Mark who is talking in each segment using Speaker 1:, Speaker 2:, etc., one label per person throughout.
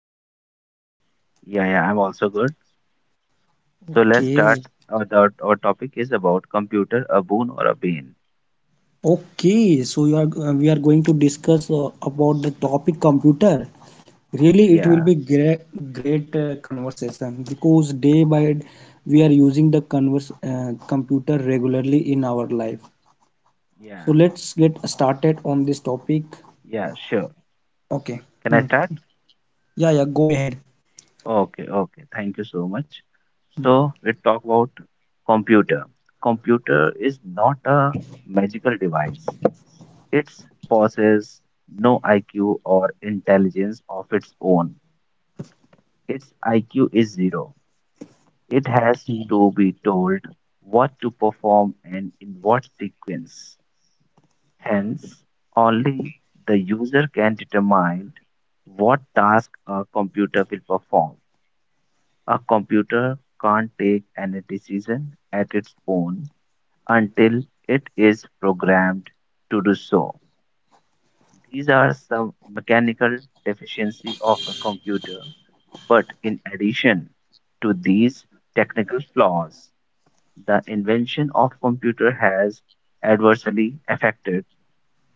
Speaker 1: what about you?
Speaker 2: Yeah, yeah, I'm also good. So let's
Speaker 1: Okay.
Speaker 2: start. Our topic is about computer, a boon or a bane.
Speaker 1: Okay. So you are we are going to discuss about the topic computer. Really, it will be
Speaker 2: Yeah,
Speaker 1: great conversation because
Speaker 2: y-
Speaker 1: we are using the converse computer regularly in our life. So
Speaker 2: yeah,
Speaker 1: let's get started on this topic.
Speaker 2: yeah, sure.
Speaker 1: Okay. Hmm.
Speaker 2: Can I start?
Speaker 1: Yeah, yeah, go ahead.
Speaker 2: Okay, okay. Thank you so much. So we talk about computer. Computer is not a magical device. It possesses no IQ or intelligence of its own. Its IQ is zero. It has
Speaker 1: Hmm.
Speaker 2: to be told what to perform and in what sequence. Hence, only the user can determine what task a computer will perform. A computer can't take any decision at its own until it is programmed to do so. These are some mechanical deficiencies of the computer, but in addition to these technical flaws, the invention of computer has adversely affected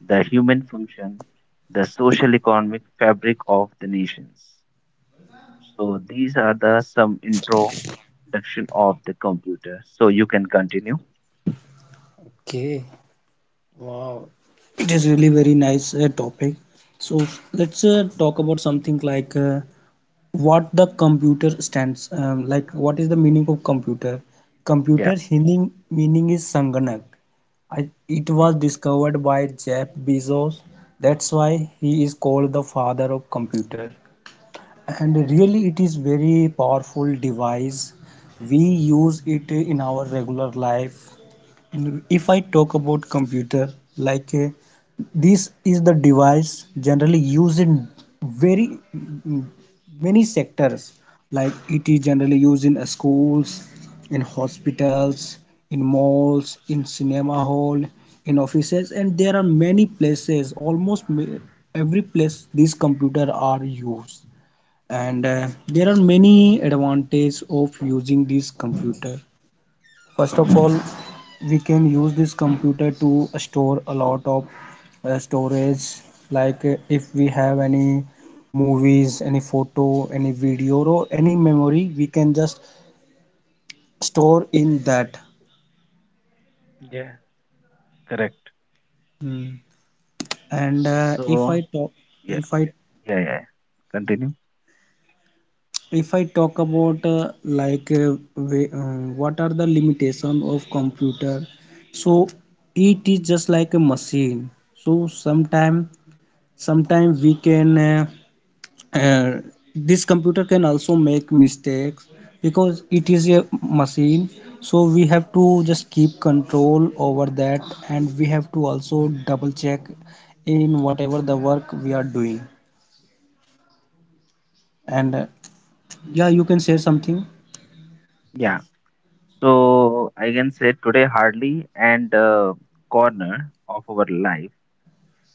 Speaker 2: the human function, the social economic fabric of the nations. So these are the some introduction of the computer. So you can continue.
Speaker 1: Okay. Wow, it is really very nice topic. So let's talk about something like what the computer stands. Like what is the meaning of computer? Computer
Speaker 2: Yeah.
Speaker 1: Hindi meaning is Sanganak. It
Speaker 2: Okay.
Speaker 1: was discovered by Jeff Bezos. That's why he is called the father of computer. And really, it is very powerful device. We use it in our regular life, and if I talk about computer, like this is the device generally used in very mm, many sectors. Like it is
Speaker 2: Yeah.
Speaker 1: generally used in schools, in hospitals, in malls, in cinema hall, in offices, and there are many places. Almost every place these computer are used, and there are many advantages of using this computer. First of all, we can use this computer to store a lot of storage, like if we have any movies, any photo, any video, or any memory, we can just store in that.
Speaker 2: Yeah, correct.
Speaker 1: Hmm. And if
Speaker 2: So
Speaker 1: I talk,
Speaker 2: yeah,
Speaker 1: if I
Speaker 2: yeah, yeah. Continue.
Speaker 1: if I talk about like what are the limitation of computer, so it is just like a machine. So sometimes we can uh, this computer can also make mistakes because it is a machine, so we have to just keep control over that, and we have to also double check in whatever the work we are doing. And yeah, you can say something.
Speaker 2: Yeah. So I can say today hardly and corner of our life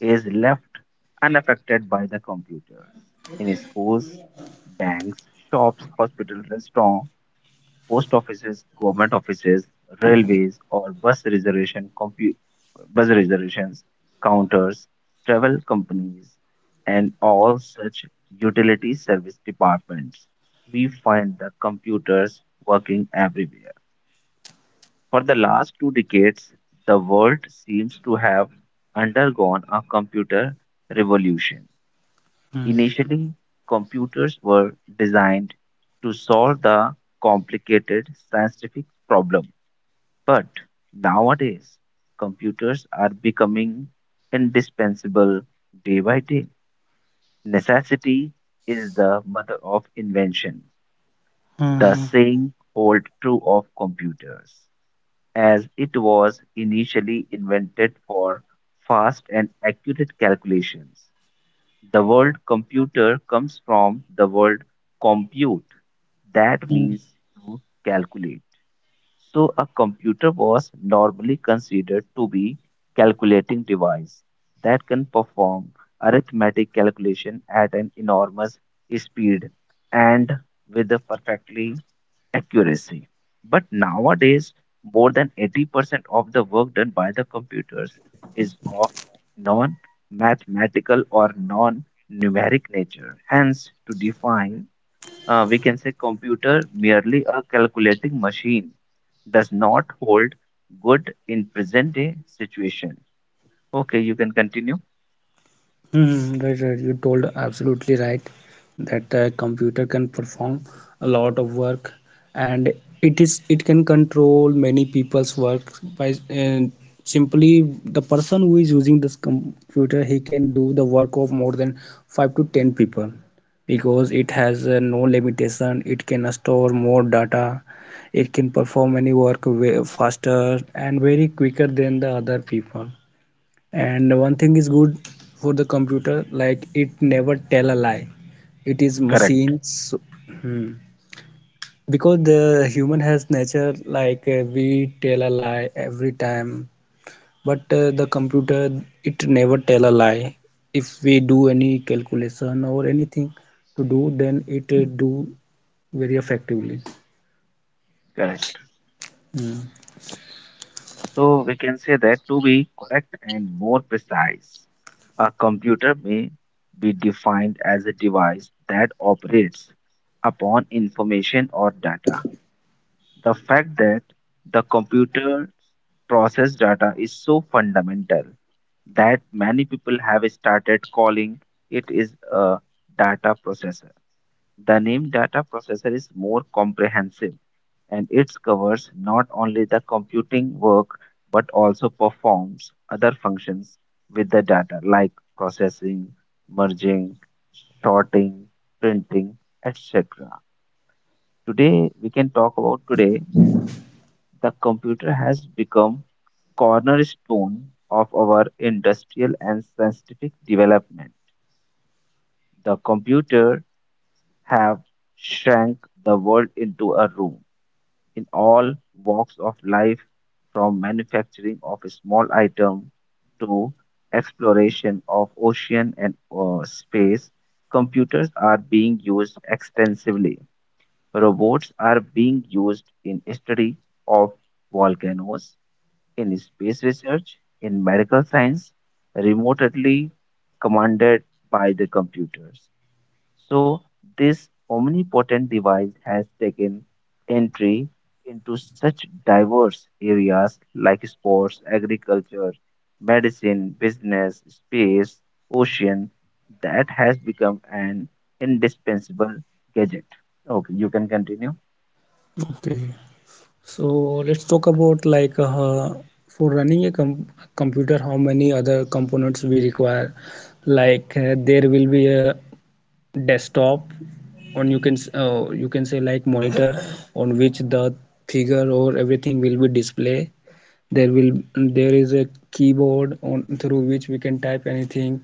Speaker 2: is left unaffected by the computers. In schools, banks, shops, hospitals, restaurants, post offices, government offices, railways, or bus reservation bus reservations counters, travel companies, and all such utility service departments. We find the computers working everywhere. For the last 2 decades, the world seems to have undergone a computer revolution.
Speaker 1: Hmm.
Speaker 2: Initially, computers were designed to solve the complicated scientific problem, but nowadays, computers are becoming indispensable day by day. Necessity is the mother of invention. The saying holds true of computers, as it was initially invented for fast and accurate calculations. The word computer comes from the word compute, that
Speaker 1: Mhm.
Speaker 2: means to calculate. So, a computer was normally considered to be calculating device that can perform arithmetic calculation at an enormous speed and with a perfectly accuracy. But nowadays, more than 80% of the work done by the computers is of non mathematical or non numeric nature. Hence, to define, we can say computer merely a calculating machine does not hold good in present day situation. Okay, you can continue.
Speaker 1: Hmm, right, right. You told absolutely right that the computer can perform a lot of work, and it can control many people's work, by and simply the person who is using this computer, he can do the work of more than five to ten people because it has no limitation. It can store more data. It can perform any work way faster and very quicker than the other people. And one thing is good for the computer, like it never tell a lie, it is
Speaker 2: Correct.
Speaker 1: machine so, hmm, because the human has nature like we tell a lie every time, but the computer, it never tell a lie. If we do any calculation or anything to do, then it do very effectively.
Speaker 2: Correct.
Speaker 1: Hmm.
Speaker 2: So we can say that to be correct and more precise. A computer may be defined as a device that operates upon information or data. The fact that the computer process data is so fundamental that many people have started calling it is a data processor. The name data processor is more comprehensive and it covers not only the computing work but also performs other functions with the data like processing, merging, sorting, printing, etc. Today we can talk about today the computer has become cornerstone of our industrial and scientific development. The computer have shrank the world into a room in all walks of life, from manufacturing of a small item to exploration of ocean and space. Computers are being used extensively. Robots are being used in study of volcanoes, in space research, in medical science, remotely commanded by the computers. So this omnipotent device has taken entry into such diverse areas like sports, agriculture, medicine, business, space, ocean that has become an indispensable gadget. Okay, you can continue.
Speaker 1: Okay. So let's talk about like for running a computer, how many other components we require. Like there will be a desktop, on you can you can say like monitor, on which the figure or everything will be display. There is a keyboard on through which we can type anything.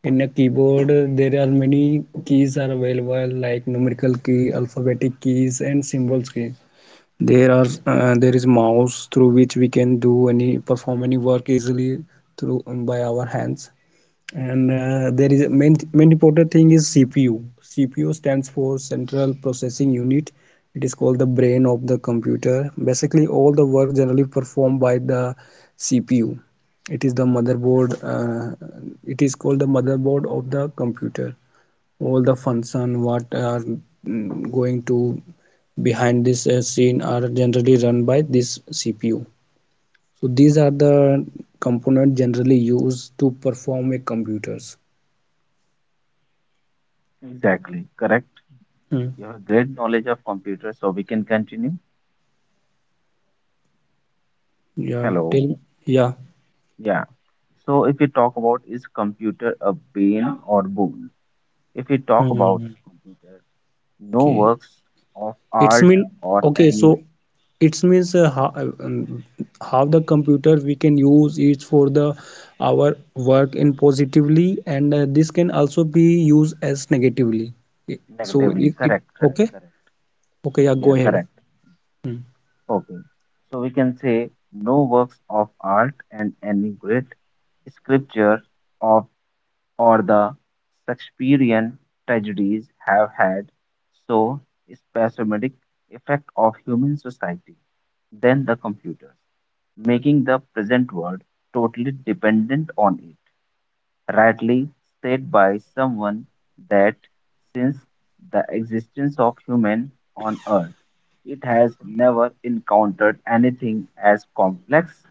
Speaker 1: In a keyboard, there are many keys are available, like numerical key, alphabetic keys, and symbols key.
Speaker 2: Yeah,
Speaker 1: There is mouse through which we can do any perform any work easily through by our hands. And there is a main important thing is CPU. CPU stands for central processing unit. It is called the brain of the computer. Basically all the work generally performed by the CPU. It is the motherboard,
Speaker 2: correct.
Speaker 1: it is called the motherboard of the computer. All the function what are going to behind this scene are generally run by this CPU. So these are the component generally used to perform a computers.
Speaker 2: Exactly, correct.
Speaker 1: Hmm.
Speaker 2: You have great knowledge of computers, so we can continue.
Speaker 1: Yeah,
Speaker 2: Hello.
Speaker 1: tell. Yeah.
Speaker 2: Yeah. So if we talk about is computer a bane or boon? If we talk about
Speaker 1: Hmm.
Speaker 2: computer, no
Speaker 1: Okay,
Speaker 2: works of
Speaker 1: it's
Speaker 2: art
Speaker 1: mean
Speaker 2: or
Speaker 1: okay, so
Speaker 2: any
Speaker 1: it's means um, how the computer we can use it for the our work in positively, and this can also be used as negatively, so
Speaker 2: negatively.
Speaker 1: it
Speaker 2: Correct, correct,
Speaker 1: okay,
Speaker 2: correct.
Speaker 1: okay, yeah, go
Speaker 2: Yeah,
Speaker 1: ahead.
Speaker 2: correct.
Speaker 1: Hmm.
Speaker 2: Okay. So we can say no works of art and any great scripture of or the Shakespearean tragedies have had so spasmodic effect of human society than the computers, making the present world totally dependent on it. Rightly said by someone that since the existence of human on earth it has never encountered anything as complex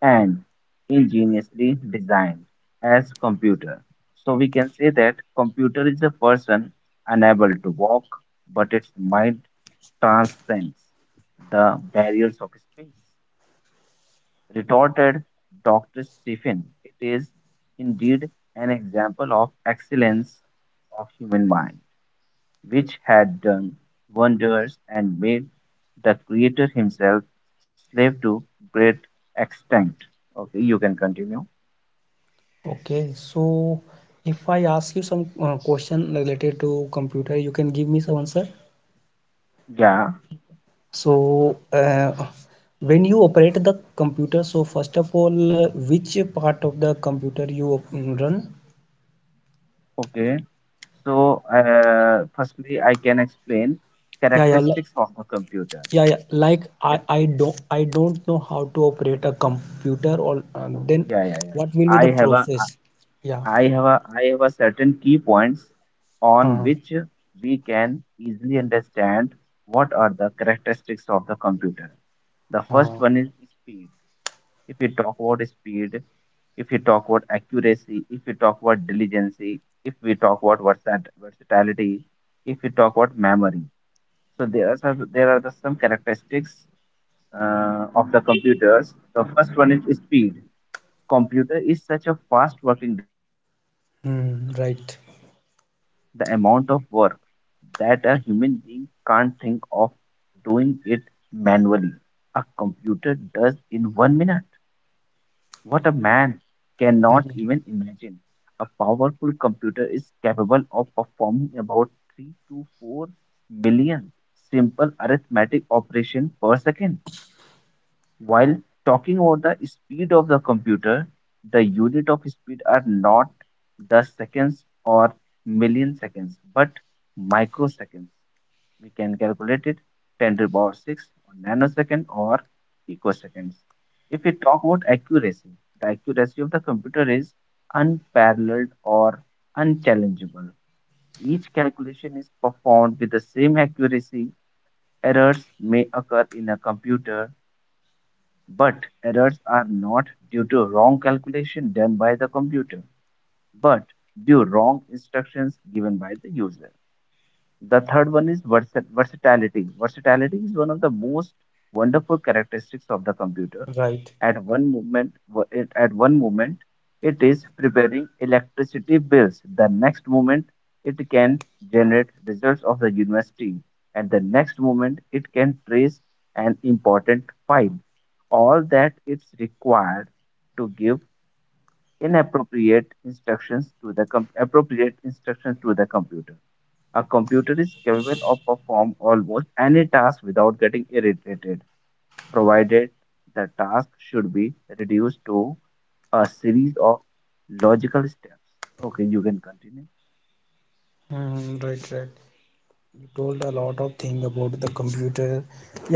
Speaker 2: and ingeniously designed as computer, so we can say that computer is a person unable to walk but its mind transcends the barriers of space, retorted Dr. Stephen. It is indeed an example of excellence of human mind, which had done wonders and made the creator himself slave to great extent. Okay, you can continue.
Speaker 1: Okay, so if I ask you some question related to computer, you can give me some answer.
Speaker 2: Yeah,
Speaker 1: So, when you operate the computer, so first of all, which part of the computer you run?
Speaker 2: okay. So, firstly, I can explain
Speaker 1: Yeah, yeah, like,
Speaker 2: characteristics of a computer.
Speaker 1: yeah, yeah. Like
Speaker 2: If-
Speaker 1: I don't know how to operate a computer, or then
Speaker 2: Yeah, yeah, yeah.
Speaker 1: what will
Speaker 2: Yeah.
Speaker 1: be the process? Yeah.
Speaker 2: I have a certain key points
Speaker 1: Uh,
Speaker 2: on which we can easily understand what are the characteristics of the computer. The first
Speaker 1: uh,
Speaker 2: one is speed. If we talk about speed, if we talk about accuracy, if we talk about diligence, if we talk about versatility, if we talk about memory. So there are some characteristics of the computers. The first one is speed. Computer is such a fast working device that can
Speaker 1: Hmm.
Speaker 2: perform in
Speaker 1: Right.
Speaker 2: records the amount of work that a human being can't think of doing it manually. A computer does in 1 minute what a man cannot
Speaker 1: Hmm.
Speaker 2: even imagine. A powerful computer is capable of performing about 3 to 4 million simple arithmetic operations per second. While talking about the speed of the computer, the unit of speed are not the seconds or million seconds, but microseconds. We can calculate it 10 to the power 6 or nanosecond or picoseconds. If we talk about accuracy, the accuracy of the computer is unparalleled or unchallengeable. Each calculation is performed with the same accuracy. Errors may occur in a computer but errors are not due to wrong calculation done by the computer, but due wrong instructions given by the user. The third one is versatility. Versatility is one of the most wonderful characteristics of the computer.
Speaker 1: Right.
Speaker 2: At one moment, at one moment, it is preparing electricity bills. The next moment, it can generate results of the university, and the next moment, it can trace an important file. All that is required to give inappropriate instructions to the appropriate instructions to the computer. A computer is capable of perform almost any task without getting irritated, provided the task should be reduced to a series of logical steps. Okay, you can continue.
Speaker 1: Hmm. Right, right. You told a lot of thing about the computer.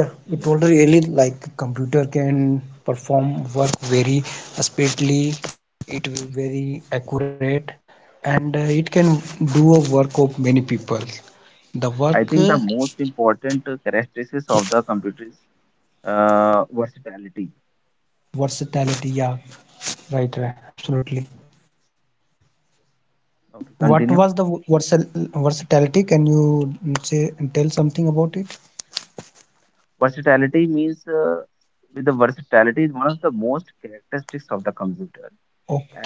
Speaker 1: Yeah, you
Speaker 2: Yeah,
Speaker 1: told really like computer can perform work very speedily, it will very accurate, and it can do a work of many people, the
Speaker 2: I
Speaker 1: work
Speaker 2: think the most important characteristics of the computer is versatility.
Speaker 1: versatility. Yeah, right,
Speaker 2: Yeah,
Speaker 1: right, absolutely.
Speaker 2: okay,
Speaker 1: What
Speaker 2: continue.
Speaker 1: was the versatility? Can you say tell something about it?
Speaker 2: Versatility means with the versatility is one of the most characteristics of the computer.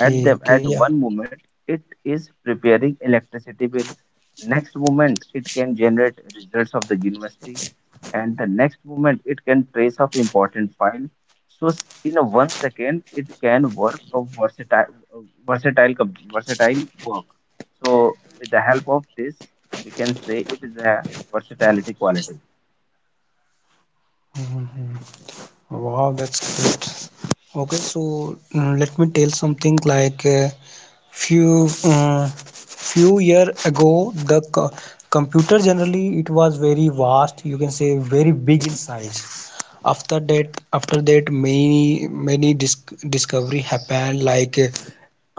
Speaker 2: At the
Speaker 1: okay,
Speaker 2: at
Speaker 1: yeah.
Speaker 2: one moment it is preparing electricity bill, next moment it can generate results of the university, and the next moment it can trace of important file. So in a 1 second it can work a versatile work. So with the help of this we can say it is a versatility quality.
Speaker 1: Wow, that's great. Okay, so let me tell something like few few year ago, the computer generally, it was very vast, you can say very big in size. After
Speaker 2: Yeah,
Speaker 1: that, after that many discovery happened, like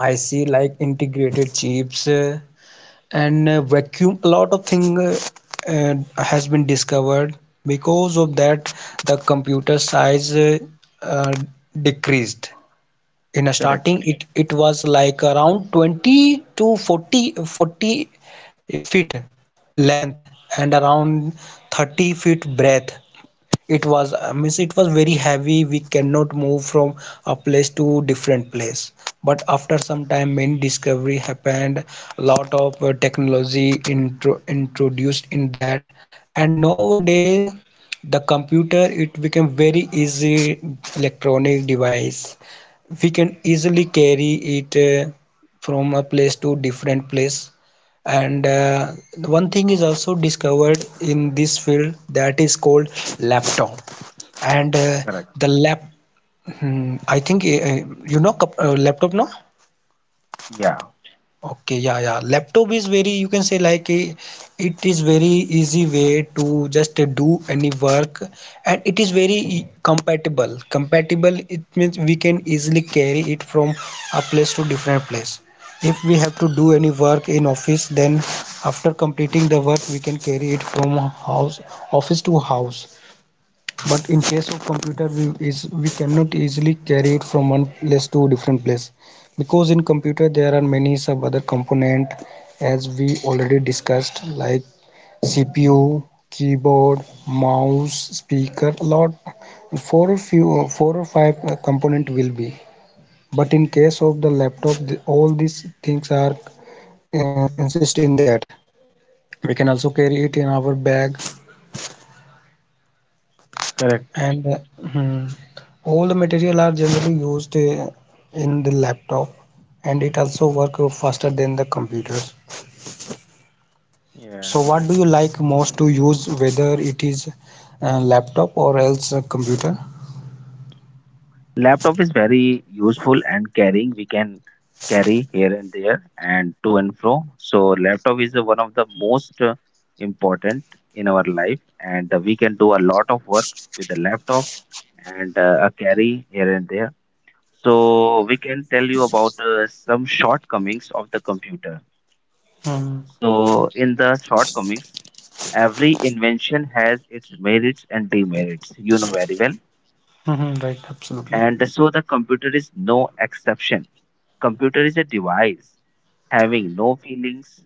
Speaker 1: I see, like integrated chips, and vacuum, a lot of thing uh, has been discovered. Because of that, the computer size uh, decreased. In a
Speaker 2: correct,
Speaker 1: starting, it was like around 20 to forty feet length and around 30 feet breadth. It was means it was very heavy, we cannot move from a place to different place. But after some
Speaker 2: correct,
Speaker 1: time, many discovery happened, a lot of technology introduced in that, and nowadays the computer, it became very easy electronic device. We can easily carry it from a place to different place. And one thing is also discovered in this field, that is called laptop. And
Speaker 2: correct.
Speaker 1: the lap, I think you know laptop, no?
Speaker 2: Yeah,
Speaker 1: Okay, yeah, yeah. Laptop is very, you can say like it is very easy way to just do any work, and it is very compatible. Compatible, it means we can easily carry it from a place to different place. If we have to do any work in office, then after completing the work, we can carry it from house, office to house. But in case of computer, we cannot easily carry it from one place to different place, because in computer there are many sub other component, as we already discussed, like CPU, keyboard, mouse, speaker, a lot, four or few four or five component will be. But in case of the laptop, all these things are insist in that. We can also carry it in our bag,
Speaker 2: correct.
Speaker 1: and hmm, all the material are generally used in the laptop, and it also work faster than the computers.
Speaker 2: Yeah.
Speaker 1: So what do you like most to use, whether it is laptop or else a computer?
Speaker 2: Laptop is very useful and carrying. We can carry here and there and to and fro. So laptop is one of the most important in our life, and we can do a lot of work with the laptop and a carry here and there. So we can tell you about some shortcomings of the computer.
Speaker 1: Mm.
Speaker 2: So in the shortcomings, every invention has its merits and demerits. You know very well,
Speaker 1: Mhm, right, absolutely.
Speaker 2: and so the computer is no exception. Computer is a device having no feelings.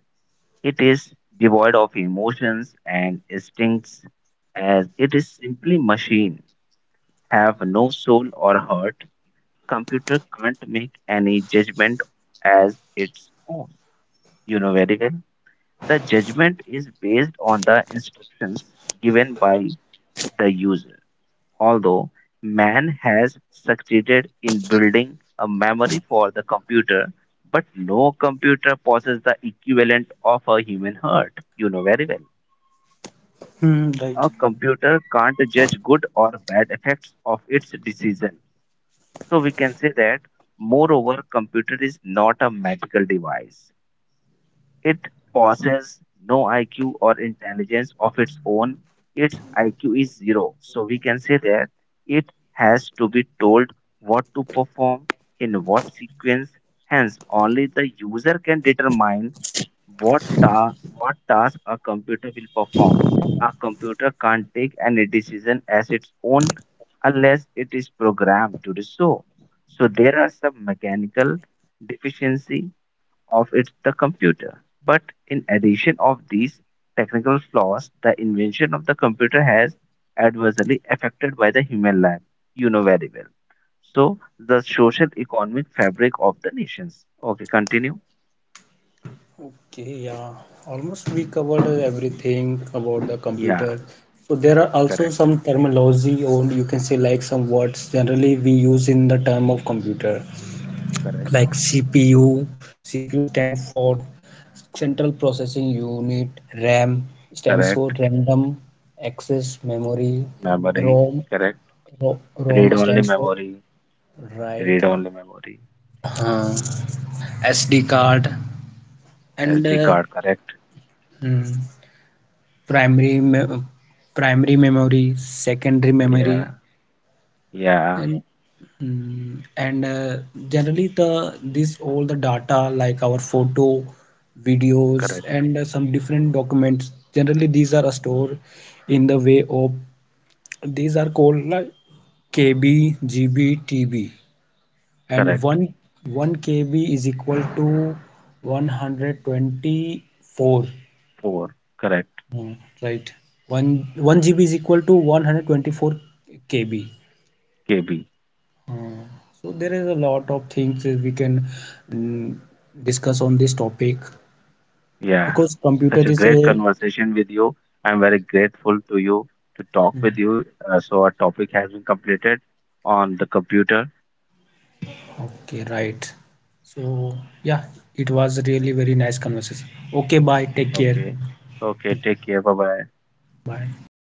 Speaker 2: It is devoid of emotions and instincts as it is simply machine have no soul or heart. Computer can't make any judgment as its own. You know very well. The judgment is based on the instructions given by the user. Although man has succeeded in building a memory for the computer, but no computer possesses the equivalent of a human heart. You know very well.
Speaker 1: Mm, right.
Speaker 2: A computer can't judge good or bad effects of its decision. So we can say that, moreover, computer is not a magical device. It possesses no IQ or intelligence of its own. Its IQ is zero. So we can say that it has to be told what to perform in what sequence. Hence, only the user can determine what, what task a computer will perform. A computer can't take any decision as its own unless it is programmed to do so. So there are some mechanical deficiency of it's the computer. But in addition of these technical flaws, the invention of the computer has adversely affected by the human life. You know very well. So the social economic fabric of the nations. Okay, continue.
Speaker 1: Okay, yeah. Almost we covered everything about the computer.
Speaker 2: Yeah,
Speaker 1: So there are also
Speaker 2: correct,
Speaker 1: some terminology, or you can say like some words generally we use in the term of computer,
Speaker 2: correct,
Speaker 1: like CPU. CPU stands for central processing unit. RAM stands for
Speaker 2: correct.
Speaker 1: random access memory.
Speaker 2: Memory,
Speaker 1: ROM,
Speaker 2: correct.
Speaker 1: ro- ROM
Speaker 2: Read only
Speaker 1: stands for
Speaker 2: memory,
Speaker 1: write.
Speaker 2: read only memory.
Speaker 1: uh, SD card, and
Speaker 2: SD card, correct.
Speaker 1: hmm, primary me- primary memory, secondary memory,
Speaker 2: Yeah, yeah,
Speaker 1: and mm, and uh, generally the this all the data, like our photo, videos,
Speaker 2: correct,
Speaker 1: and some different documents, generally these are stored in the way of, these are called like KB, GB, TB. And
Speaker 2: correct.
Speaker 1: 1 KB is equal to 124.
Speaker 2: 4, correct.
Speaker 1: Hmm, right. 1 GB is equal to 124 KB.
Speaker 2: KB.
Speaker 1: Uh, so there is a lot of things that we can mm, discuss on this topic,
Speaker 2: Yeah,
Speaker 1: because
Speaker 2: such
Speaker 1: computer
Speaker 2: a
Speaker 1: is
Speaker 2: great
Speaker 1: a.
Speaker 2: conversation with you. I'm very grateful to you to talk with
Speaker 1: Mm,
Speaker 2: you. So our topic has been completed on the computer.
Speaker 1: okay, right. So yeah, it was really very nice conversation. Okay, bye, take care,
Speaker 2: Okay. Okay, take care. Bye bye.
Speaker 1: bye.